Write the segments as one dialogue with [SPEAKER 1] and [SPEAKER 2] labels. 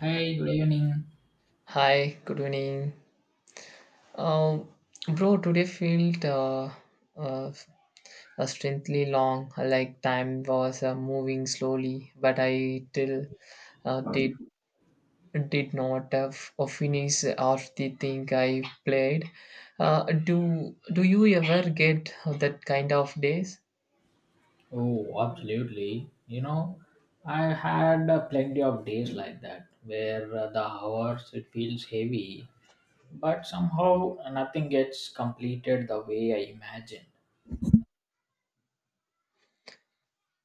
[SPEAKER 1] Hey, good evening.
[SPEAKER 2] Hi, good evening. Um, bro, today felt uh, strangely long, like time was moving slowly, but I till uh, did did not finish or the thing I played. Do you ever get that kind of days?
[SPEAKER 1] Oh, absolutely. I had plenty of days like that where the hours it feels heavy, but somehow nothing gets completed the way I imagined.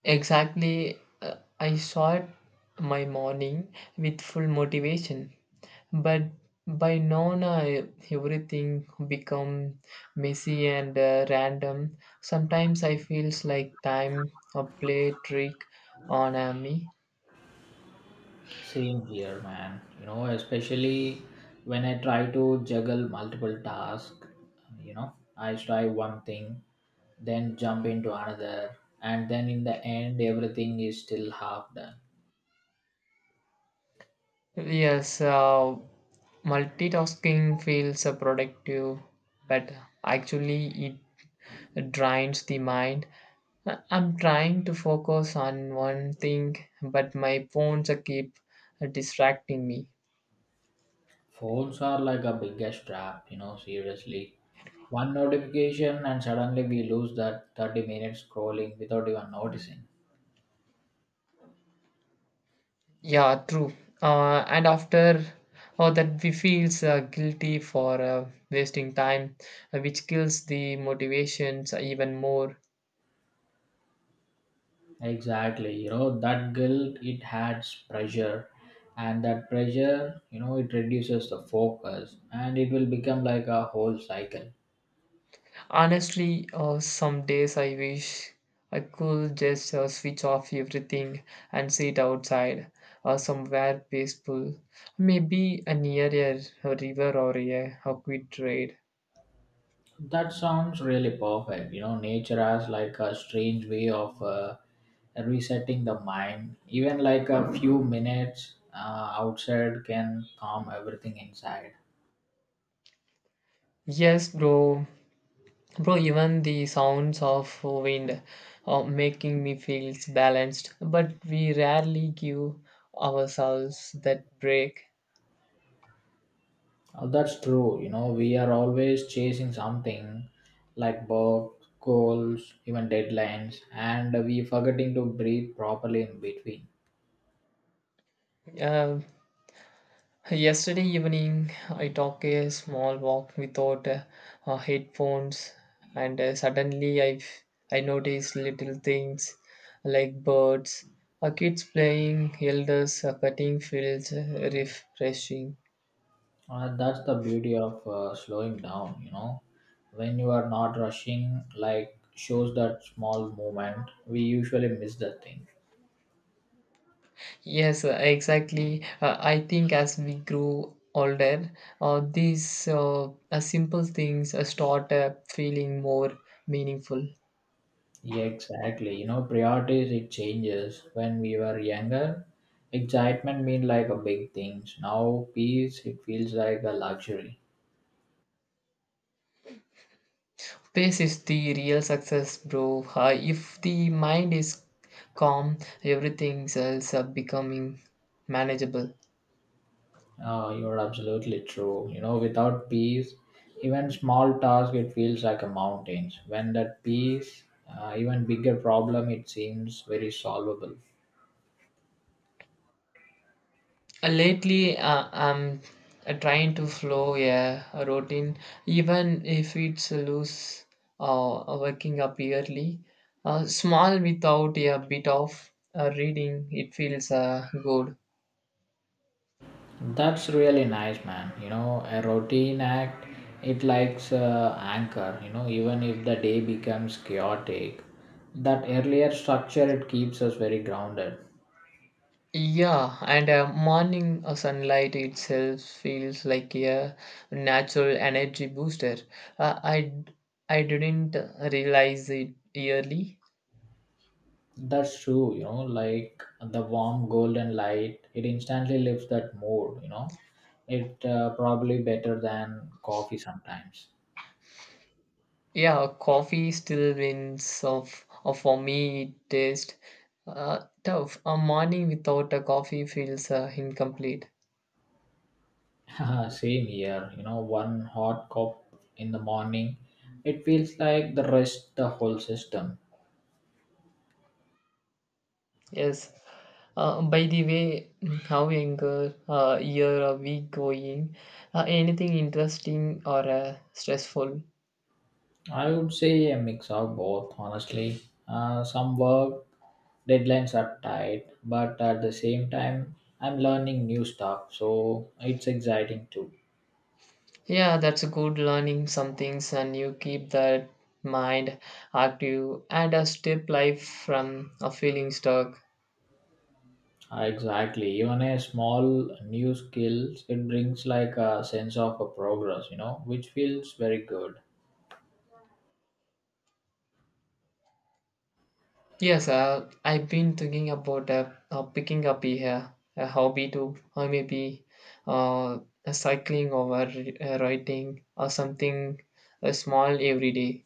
[SPEAKER 2] Exactly, I saw it my morning with full motivation. But by Nona, everything become messy and random. Sometimes I feels like time a play trick on me.
[SPEAKER 1] Same here, man. Especially when I try to juggle multiple tasks, I try one thing, then jump into another, and then in the end, everything is still half done.
[SPEAKER 2] Yes, multitasking feels productive, but actually it drains the mind. I'm trying to focus on one thing, but my phones keep distracting me.
[SPEAKER 1] Phones are like a biggest trap, seriously. One notification and suddenly we lose that 30 minutes scrolling without even noticing.
[SPEAKER 2] Yeah, true. And after or that we feels guilty for wasting time, which kills the motivations even more.
[SPEAKER 1] Exactly, that guilt it adds pressure and that pressure, it reduces the focus and it will become like a whole cycle.
[SPEAKER 2] Honestly, some days I wish I could just switch off everything and sit outside or somewhere peaceful, maybe near a river or a quick trade.
[SPEAKER 1] That sounds really perfect. Nature has like a strange way of resetting the mind. Even like a few minutes outside can calm everything inside.
[SPEAKER 2] Yes, bro. Bro, even the sounds of wind making me feel balanced, but we rarely give ourselves that break.
[SPEAKER 1] Oh, that's true. We are always chasing something like work, goals, even deadlines, and we forgetting to breathe properly in between.
[SPEAKER 2] Uh, Yesterday evening, I took a small walk without headphones, and suddenly I noticed little things like birds, kids playing, elders cutting fields, refreshing.
[SPEAKER 1] That's the beauty of slowing down. When you are not rushing, like shows that small movement, we usually miss the thing.
[SPEAKER 2] Yes, exactly. I think as we grow older, these simple things start feeling more meaningful.
[SPEAKER 1] Yeah, exactly. Priorities it changes. When we were younger, excitement mean like a big things. Now peace it feels like a luxury.
[SPEAKER 2] Pace is the real success, bro. If the mind is calm, everything else are becoming manageable.
[SPEAKER 1] You're absolutely true. Without peace, even small task it feels like a mountains. When that peace, even bigger problem it seems very solvable.
[SPEAKER 2] Lately, I'm trying to flow a routine, even if it's loose or working up yearly. Small without a bit of reading, it feels good.
[SPEAKER 1] That's really nice, man. A routine act, it likes anchor, even if the day becomes chaotic, that earlier structure, it keeps us very grounded.
[SPEAKER 2] Yeah, and morning sunlight itself feels like a natural energy booster. Uh, I I didn't realize it early.
[SPEAKER 1] That's true, like the warm golden light, it instantly lifts that mood. It probably better than coffee sometimes.
[SPEAKER 2] Yeah, coffee still wins of for me taste. Tough. A morning without a coffee feels incomplete.
[SPEAKER 1] Same here, one hot cup in the morning, it feels like the rest, the whole system.
[SPEAKER 2] Yes. By the way, how younger year are we going? Anything interesting or stressful?
[SPEAKER 1] I would say a mix of both, honestly. Some work deadlines are tight, but at the same time, I'm learning new stuff, so it's exciting too.
[SPEAKER 2] Yeah, that's a good learning some things and you keep that mind active and a step life from a feeling stuck.
[SPEAKER 1] Exactly, even a small new skills, it brings like a sense of a progress, which feels very good.
[SPEAKER 2] Yes, I've been thinking about picking up a hobby too, or maybe uh, a cycling or a writing or something small every day.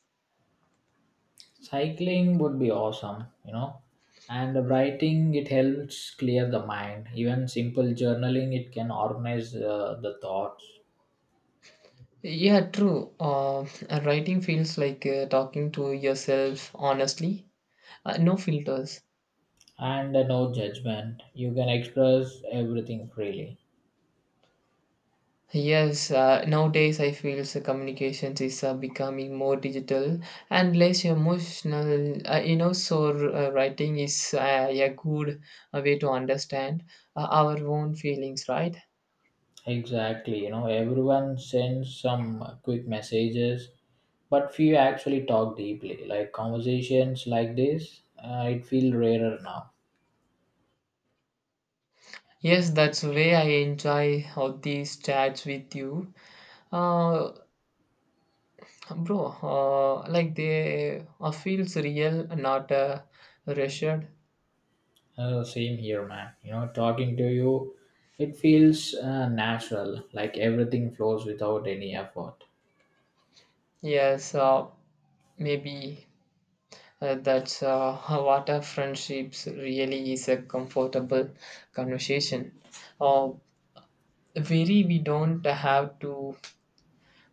[SPEAKER 1] Cycling would be awesome, and writing it helps clear the mind. Even simple journaling, it can organize the thoughts.
[SPEAKER 2] Yeah, true. Writing feels like talking to yourself honestly, no filters.
[SPEAKER 1] And no judgment, you can express everything freely.
[SPEAKER 2] Yes, nowadays I feel so communications is becoming more digital and less emotional. You know, so writing is a good way to understand our own feelings, right?
[SPEAKER 1] Exactly, everyone sends some quick messages, but few actually talk deeply like conversations like this, it feel rarer now.
[SPEAKER 2] Yes, that's way I enjoy all these chats with you, uh, bro. Like they feels real, not rushed.
[SPEAKER 1] Same here, man. Talking to you, it feels natural like everything flows without any effort.
[SPEAKER 2] Yes, maybe that's what a friendships really is a comfortable conversation. Uh, Very we don't have to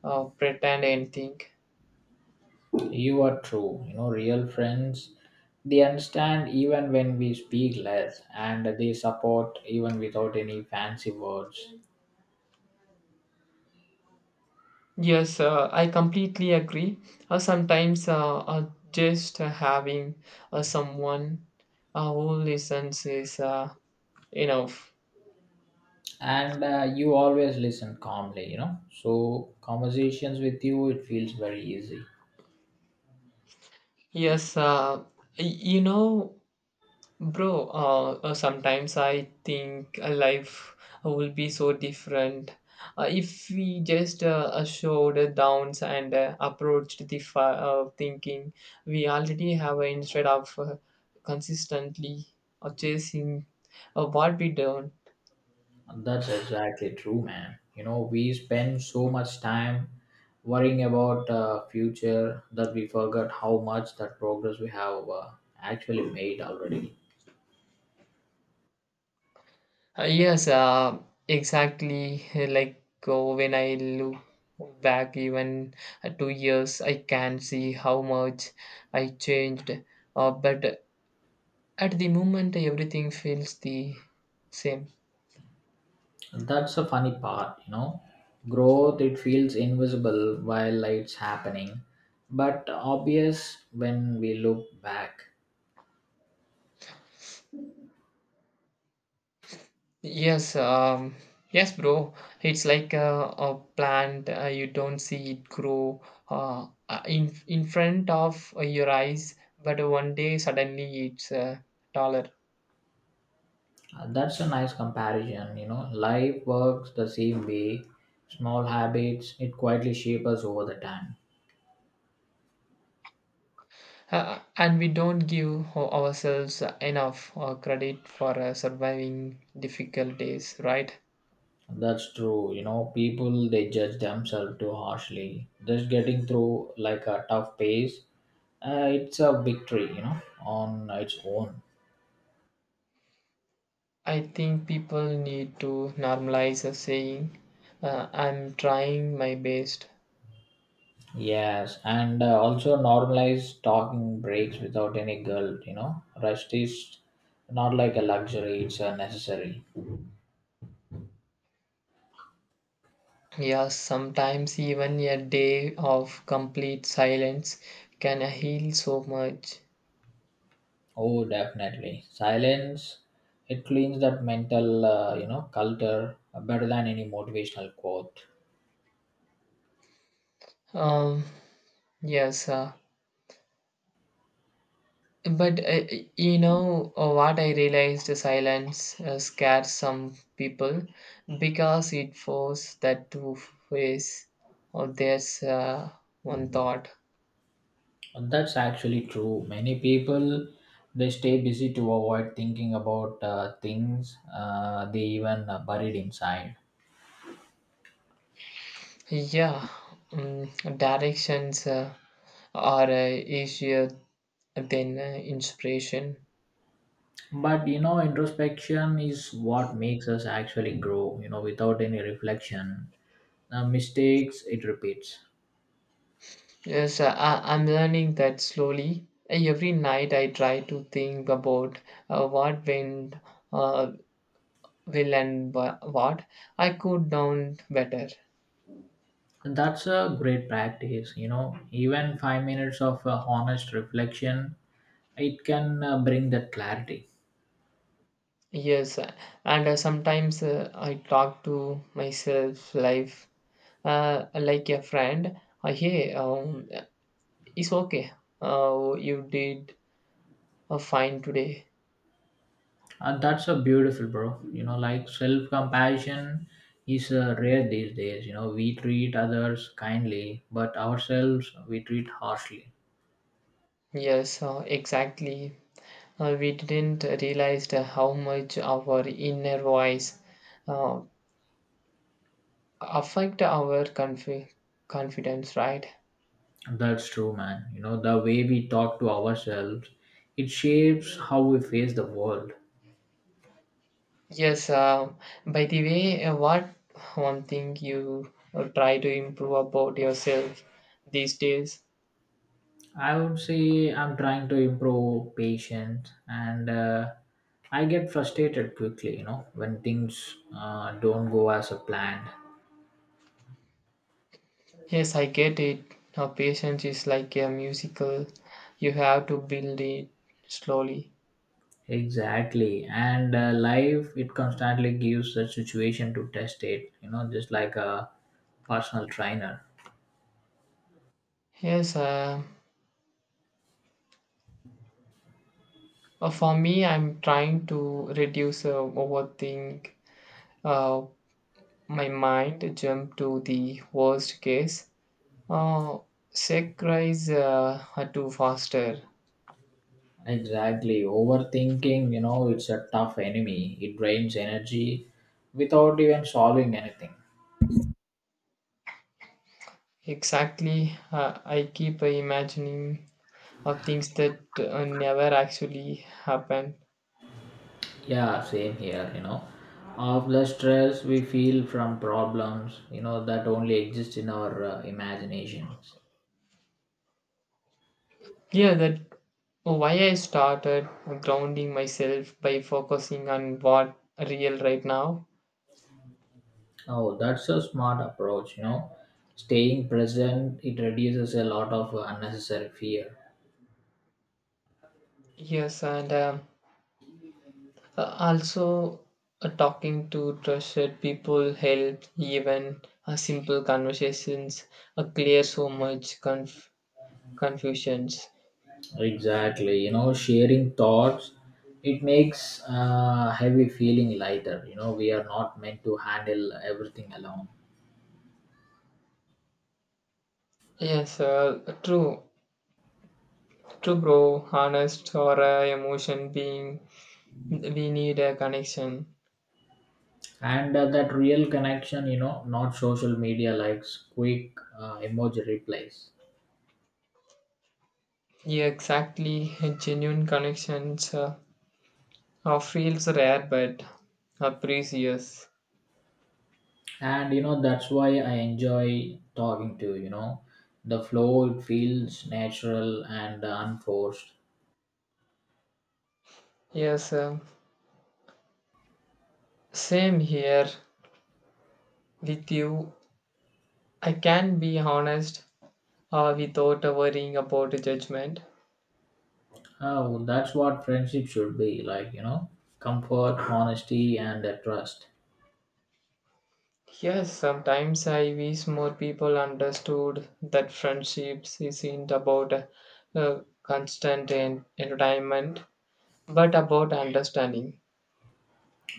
[SPEAKER 2] pretend anything.
[SPEAKER 1] You are true. Real friends, they understand even when we speak less and they support even without any fancy words.
[SPEAKER 2] Yes, I completely agree. Sometimes just having someone who listens is enough.
[SPEAKER 1] And you always listen calmly. So, conversations with you, it feels very easy.
[SPEAKER 2] Yes, you know, bro, sometimes I think life will be so different if we just showed the downs and approached the thinking we already have instead of consistently chasing what we don't.
[SPEAKER 1] That's exactly true, man. We spend so much time worrying about future that we forget how much that progress we have actually made already.
[SPEAKER 2] Yes, exactly. Like when I look back, even 2 years, I can see how much I changed. But at the moment, everything feels the same.
[SPEAKER 1] That's a funny part. Growth, it feels invisible while it's happening, but obvious when we look back.
[SPEAKER 2] Yes, yes, bro. It's like a plant. You don't see it grow in front of your eyes, but one day suddenly it's taller.
[SPEAKER 1] That's a nice comparison. Life works the same way. Small habits, it quietly shape us over the time.
[SPEAKER 2] And we don't give ourselves enough credit for surviving difficult days, right?
[SPEAKER 1] That's true. People, they judge themselves too harshly. Just getting through like a tough pace, it's a victory, on its own.
[SPEAKER 2] I think people need to normalize a saying, I'm trying my best.
[SPEAKER 1] Yes, and also normalize talking breaks without any guilt. Rest is not like a luxury; it's a necessary.
[SPEAKER 2] Yeah, sometimes even a day of complete silence can heal so much.
[SPEAKER 1] Oh, definitely. Silence it cleans that mental, culture better than any motivational quote.
[SPEAKER 2] Um, yes, but you know what I realized silence scares some people because it forces that to face of their uh, one thought.
[SPEAKER 1] And that's actually true. Many people they stay busy to avoid thinking about things they even buried inside.
[SPEAKER 2] Yeah, mm directions are easier than inspiration.
[SPEAKER 1] But introspection is what makes us actually grow. Without any reflection, the mistakes it repeats.
[SPEAKER 2] Yes, I'm learning that slowly. Every night I try to think about what went uh, will and what I could done better.
[SPEAKER 1] And that's a great practice. Even 5 minutes of honest reflection, it can bring that clarity.
[SPEAKER 2] Yes, and sometimes I talk to myself life like a friend. Hey, it's okay. You did fine today.
[SPEAKER 1] And that's a beautiful, bro. Like self compassion is rare these days. We treat others kindly, but ourselves we treat harshly.
[SPEAKER 2] Yes, exactly. We didn't realize how much our inner voice uh, affect our confidence, right?
[SPEAKER 1] That's true, man. The way we talk to ourselves, it shapes how we face the world.
[SPEAKER 2] Yes. By the way, what one thing you try to improve about yourself these days?
[SPEAKER 1] I would say I'm trying to improve patience and I get frustrated quickly, when things don't go as a planned.
[SPEAKER 2] Yes, I get it. Now, patience is like a musical, you have to build it slowly.
[SPEAKER 1] Exactly. And life, it constantly gives a situation to test it, just like a personal trainer.
[SPEAKER 2] Yes, for me, I'm trying to reduce overthink. uh, my mind jump to the worst case. Uh, Sec rise to faster.
[SPEAKER 1] Exactly. Overthinking, it's a tough enemy. It drains energy without even solving anything.
[SPEAKER 2] Exactly, I keep imagining of things that never actually happened.
[SPEAKER 1] Yeah, same here. Of the stress we feel from problems, that only exist in our imaginations.
[SPEAKER 2] Yeah, that why I started grounding myself by focusing on what real right now.
[SPEAKER 1] Oh, that's a smart approach. Staying present, it reduces a lot of unnecessary fear.
[SPEAKER 2] Yes, and also talking to trusted people help even simple conversations clear so much confusions.
[SPEAKER 1] Exactly. Sharing thoughts, it makes heavy feeling lighter. We are not meant to handle everything alone.
[SPEAKER 2] Yes, true, true, bro. Honest or emotion being, we need a connection.
[SPEAKER 1] And that real connection, not social media likes quick emoji replies.
[SPEAKER 2] Yeah, exactly. Genuine connections are feels rare but are precious.
[SPEAKER 1] And that's why I enjoy talking to you. The flow it feels natural and unforced.
[SPEAKER 2] Yes, same here with you. I can be honest without worrying about judgment.
[SPEAKER 1] Oh, that's what friendship should be like. Comfort, honesty, and trust.
[SPEAKER 2] Yes, sometimes I wish more people understood that friendships isn't about constant entertainment, but about understanding.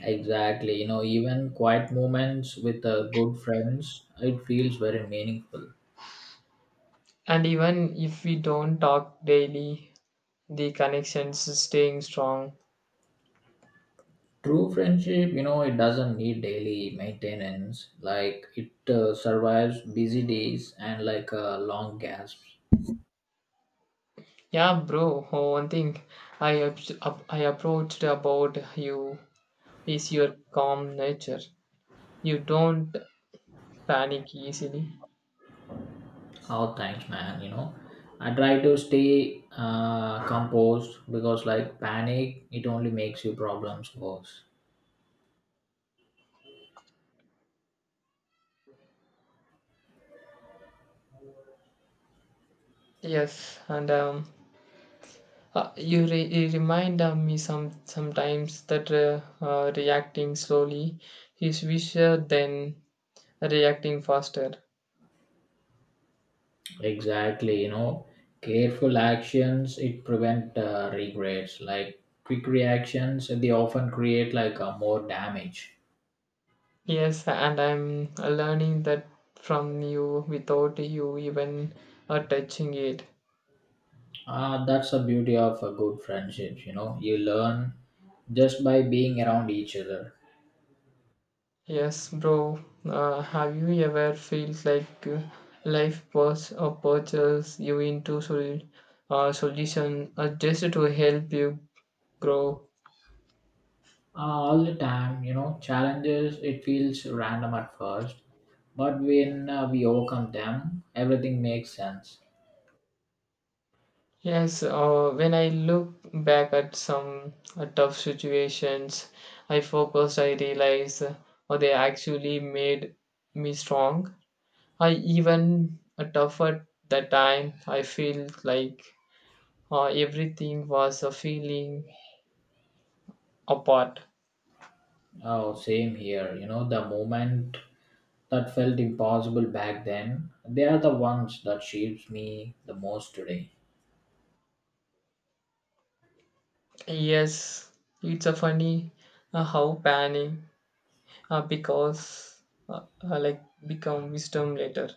[SPEAKER 1] Exactly. Even quiet moments with good friends, it feels very meaningful.
[SPEAKER 2] And even if we don't talk daily, the connections is staying strong.
[SPEAKER 1] True friendship, it doesn't need daily maintenance. Like it survives busy days and like long gasps.
[SPEAKER 2] Yeah, bro. Oh, one thing I approached about you is your calm nature. You don't panic easily.
[SPEAKER 1] Oh, thanks, man. I try to stay composed because like panic, it only makes you problems worse.
[SPEAKER 2] Yes, and you, you remind me some sometimes that reacting slowly is wiser than reacting faster.
[SPEAKER 1] Exactly, careful actions it prevent regrets. Like quick reactions, they often create like more damage.
[SPEAKER 2] Yes, and I'm learning that from you without you even touching it.
[SPEAKER 1] Ah, that's the beauty of a good friendships. You learn just by being around each other.
[SPEAKER 2] Yes, bro. Have you ever felt like life was purchased you into solution just to help you grow?
[SPEAKER 1] All the time. Challenges it feels random at first, but when we overcome them, everything makes sense.
[SPEAKER 2] Yes, when I look back at some tough situations, I focused, I realize, oh, they actually made me strong. I even tough at that time, I feel like everything was a feeling apart.
[SPEAKER 1] Oh, same here. The moment that felt impossible back then, they are the ones that shapes me the most today.
[SPEAKER 2] Yes, it's a funny how panic because like become wisdom later.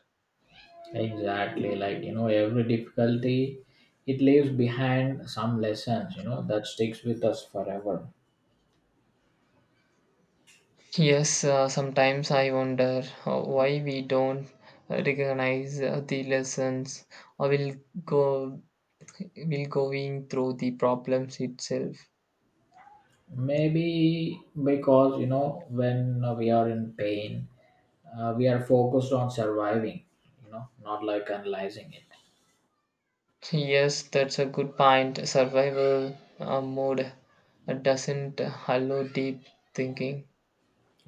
[SPEAKER 1] Exactly, like every difficulty it leaves behind some lessons, that sticks with us forever.
[SPEAKER 2] Yes, sometimes I wonder why we don't recognize the lessons or will go will going through the problems itself.
[SPEAKER 1] Maybe because when we are in pain, we are focused on surviving, not like analyzing it.
[SPEAKER 2] Yes, that's a good point. Survival mode doesn't allow deep thinking,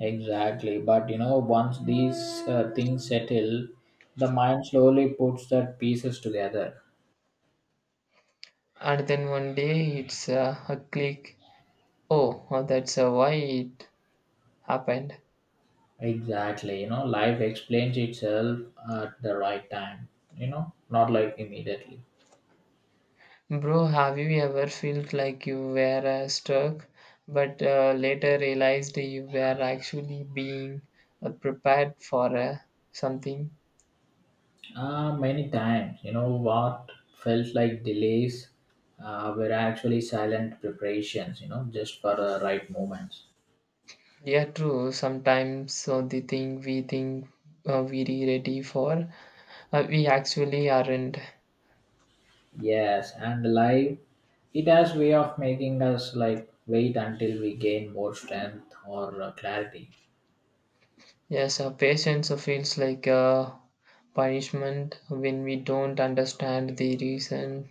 [SPEAKER 1] Exactly, but once these things settle, the mind slowly puts the pieces together.
[SPEAKER 2] and then one day it's a click. Oh, that's why it happened.
[SPEAKER 1] Exactly. Life explains itself at the right time, not like immediately.
[SPEAKER 2] Bro, have you ever felt like you were stuck, but later realized you were actually being prepared for something?
[SPEAKER 1] Many times, what felt like delays were actually silent preparations, just for the right moments.
[SPEAKER 2] Yeah, true. Sometimes so the thing we think we're ready for, we actually aren't.
[SPEAKER 1] Yes, and life, it has way of making us like wait until we gain more strength or clarity.
[SPEAKER 2] Yes, patience feels like a punishment when we don't understand the reason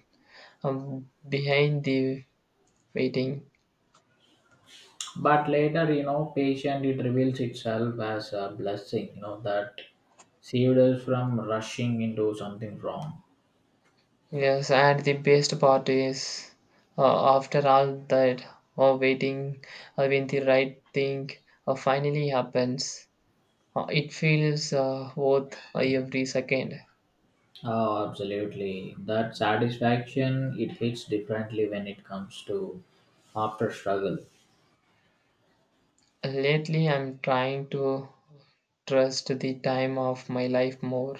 [SPEAKER 2] behind the waiting.
[SPEAKER 1] But later, patient it reveals itself as a blessing you know that saved us from rushing into something wrong.
[SPEAKER 2] Yes, and the best part is, after all that waiting, when the right thing finally happens, it feels worth every second.
[SPEAKER 1] Oh, absolutely, that satisfaction it hits differently when it comes to after struggle.
[SPEAKER 2] Lately, I'm trying to trust the time of my life more.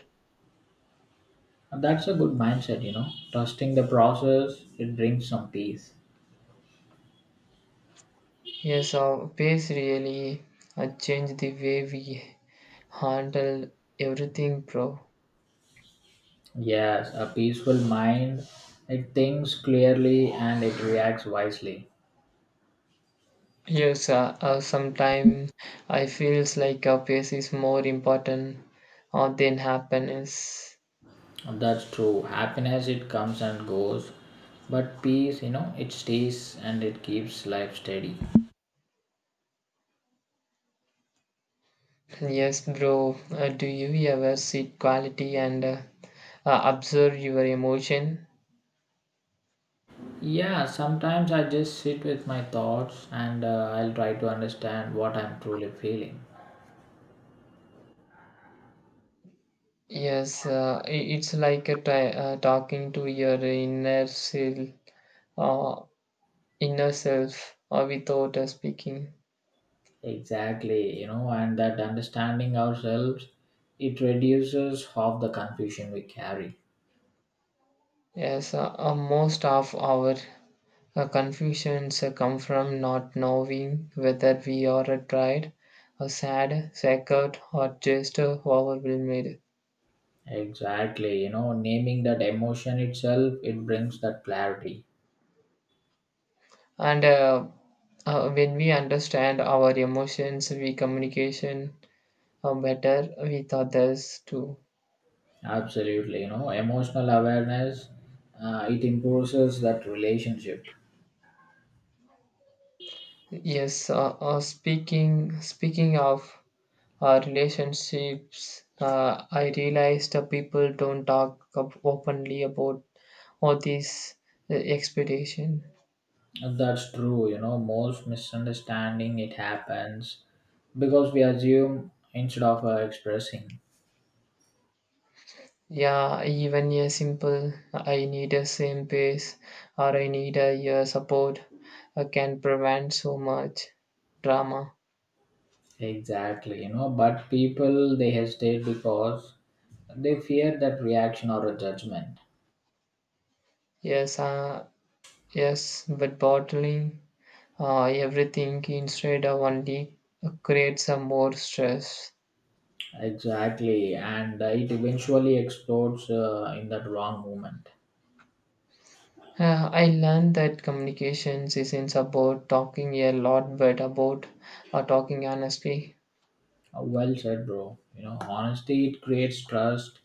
[SPEAKER 1] And that's a good mindset, trusting the process, it brings some peace.
[SPEAKER 2] Yes, pace really changed the way we handle everything, bro.
[SPEAKER 1] Yes, a peaceful mind, it thinks clearly and it reacts wisely.
[SPEAKER 2] Yes, sometimes I feels like a pace is more important than happiness.
[SPEAKER 1] That's true. Happiness it comes and goes, but peace, it stays and it keeps life steady.
[SPEAKER 2] Yes, bro. Do you ever seek quality and observe your emotion?
[SPEAKER 1] Yeah, sometimes I just sit with my thoughts and I'll try to understand what I'm truly feeling.
[SPEAKER 2] Yes, it's like a ti talking to your inner self, uh, without speaking.
[SPEAKER 1] Exactly, and that understanding ourselves, it reduces half the confusion we carry.
[SPEAKER 2] Yes, most of our our confusions come from not knowing whether we are tried, or sad, scared, or just overwhelmed.
[SPEAKER 1] Exactly, naming that emotion itself, it brings that clarity.
[SPEAKER 2] And when we understand our emotions, we communication better with others too.
[SPEAKER 1] Absolutely, emotional awareness it improves that relationship.
[SPEAKER 2] Yes, speaking of relationships, I realized that people don't talk up openly about all these expectation.
[SPEAKER 1] That's true, most misunderstanding it happens because we assume instead of expressing.
[SPEAKER 2] Yeah, even a simple I need a same pace or I need a, yeah support can prevent so much drama.
[SPEAKER 1] Exactly, but people they hesitate because they fear that reaction or a judgment.
[SPEAKER 2] Yes, yes, but bottling everything instead of only creates a more stress.
[SPEAKER 1] Exactly, and it eventually explodes in that wrong moment.
[SPEAKER 2] I learned that communications isn't about talking a lot, but about talking honestly.
[SPEAKER 1] Well said, bro. Honesty it creates trust,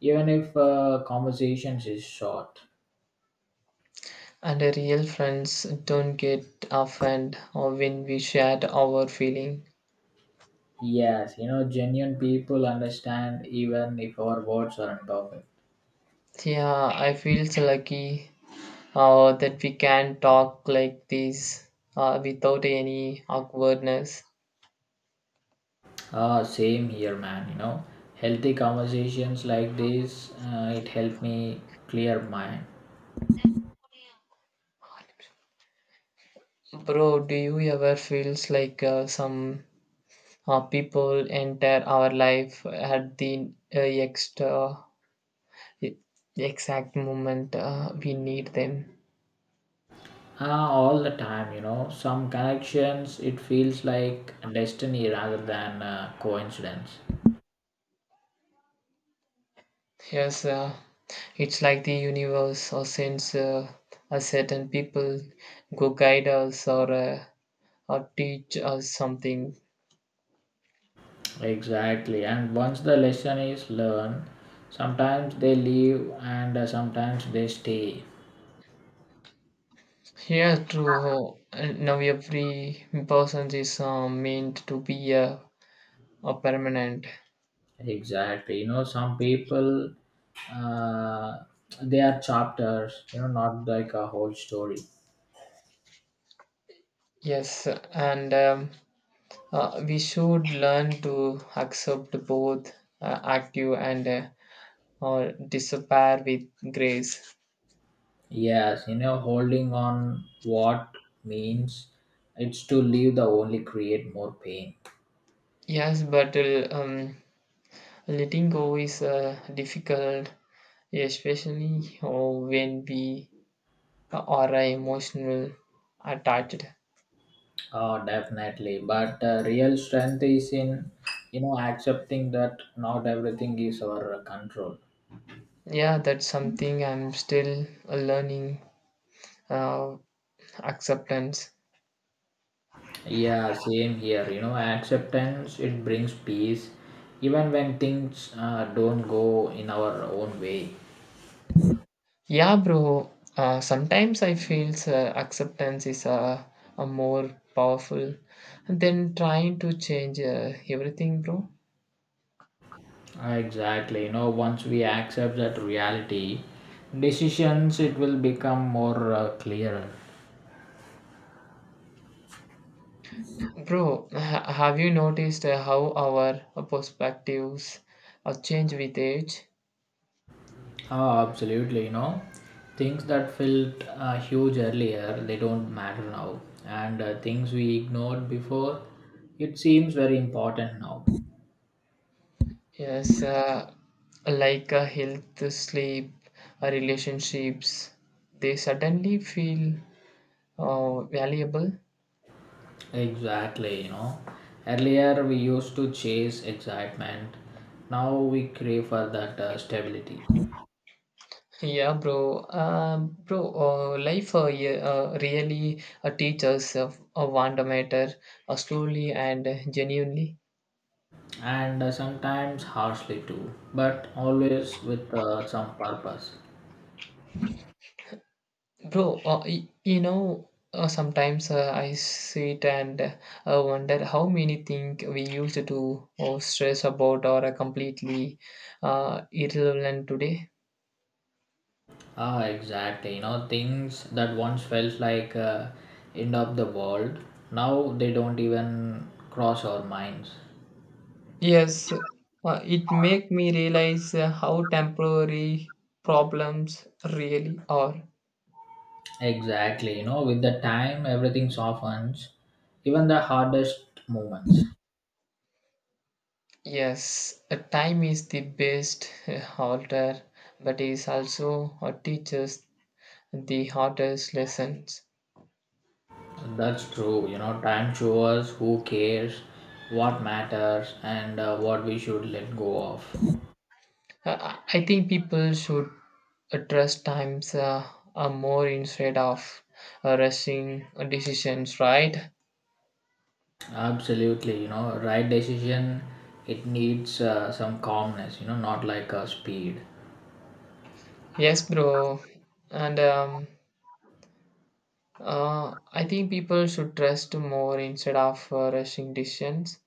[SPEAKER 1] even if conversations is short.
[SPEAKER 2] And real friends don't get offended or when we share our feeling.
[SPEAKER 1] Yes, genuine people understand even if our words aren't perfect.
[SPEAKER 2] Yeah, I feel so lucky that we can talk like this without any awkwardness.
[SPEAKER 1] Ah, same here, man. Healthy conversations like this, it helped me clear mind.
[SPEAKER 2] Bro, do you ever feels like some people enter our life at the e-, exact moment we need them?
[SPEAKER 1] Ah, all the time, some connections it feels like destiny rather than coincidence.
[SPEAKER 2] Yes, it's like the universe or sends a certain people go guide us or teach us something.
[SPEAKER 1] Exactly. And once the lesson is learned, sometimes they leave and sometimes they stay.
[SPEAKER 2] Yeah, true. And now every person is meant to be a permanent.
[SPEAKER 1] Exactly. Some people, uh, they are chapters, not like a whole story.
[SPEAKER 2] Yes, and we should learn to accept both active and or despair with grace.
[SPEAKER 1] Yes, holding on what means it's to leave the only create more pain.
[SPEAKER 2] Yes, but letting go is difficult, especially when we are emotional attached.
[SPEAKER 1] Oh, definitely. But real strength is in, accepting that not everything is our control.
[SPEAKER 2] Yeah, that's something I'm still learning uh, acceptance.
[SPEAKER 1] Yeah, same here. Acceptance it brings peace, even when things don't go in our own way.
[SPEAKER 2] Yeah bro, sometimes I feel acceptance is a more powerful than trying to change everything, bro.
[SPEAKER 1] Ah, exactly. Once we accept that reality, decisions it will become more clearer.
[SPEAKER 2] Bro, have you noticed how our perspectives change with age?
[SPEAKER 1] Oh, absolutely. Things that felt huge earlier they don't matter now, and things we ignored before, it seems very important now.
[SPEAKER 2] Yes, like health sleep relationships they suddenly feel valuable.
[SPEAKER 1] Exactly. Earlier we used to chase excitement. Now we crave for that stability.
[SPEAKER 2] Yeah, bro. Bro, life yeah, really teaches Wanda Matter slowly and genuinely.
[SPEAKER 1] And sometimes harshly too, but always with some purpose.
[SPEAKER 2] Bro, you know, sometimes I sit and I wonder how many things we used to stress about or are completely irrelevant today.
[SPEAKER 1] Ah, exactly. Things that once felt like end of the world, now they don't even cross our minds.
[SPEAKER 2] Yes, it make me realize how temporary problems really are.
[SPEAKER 1] Exactly. With the time everything softens, even the hardest moments.
[SPEAKER 2] Yes, a time is the best halter, but is also teaches the hardest lessons.
[SPEAKER 1] That's true. Time shows who cares, what matters, and what we should let go of.
[SPEAKER 2] Uh, I think people should trust times more instead of rushing decisions, right?
[SPEAKER 1] Absolutely. Right decision. It needs some calmness. Not like speed.
[SPEAKER 2] Yes, bro. And I think people should trust more instead of rushing decisions.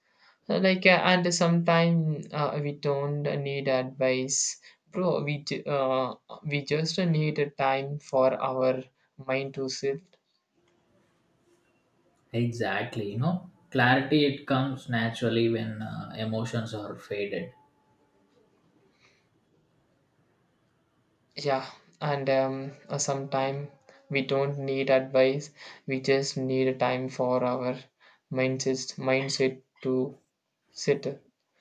[SPEAKER 2] Like and sometimes we don't need advice bro we just need a time for our mind to shift.
[SPEAKER 1] Exactly. Clarity. It comes naturally when emotions are faded.
[SPEAKER 2] Yeah, and sometimes we don't need advice, we just need a time for our mindset to sit.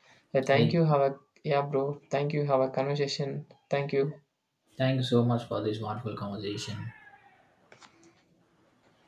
[SPEAKER 2] Thank
[SPEAKER 1] Hey,
[SPEAKER 2] you, have a yeah bro, thank you, have a conversation, thank you.
[SPEAKER 1] thank you so much for this wonderful conversation.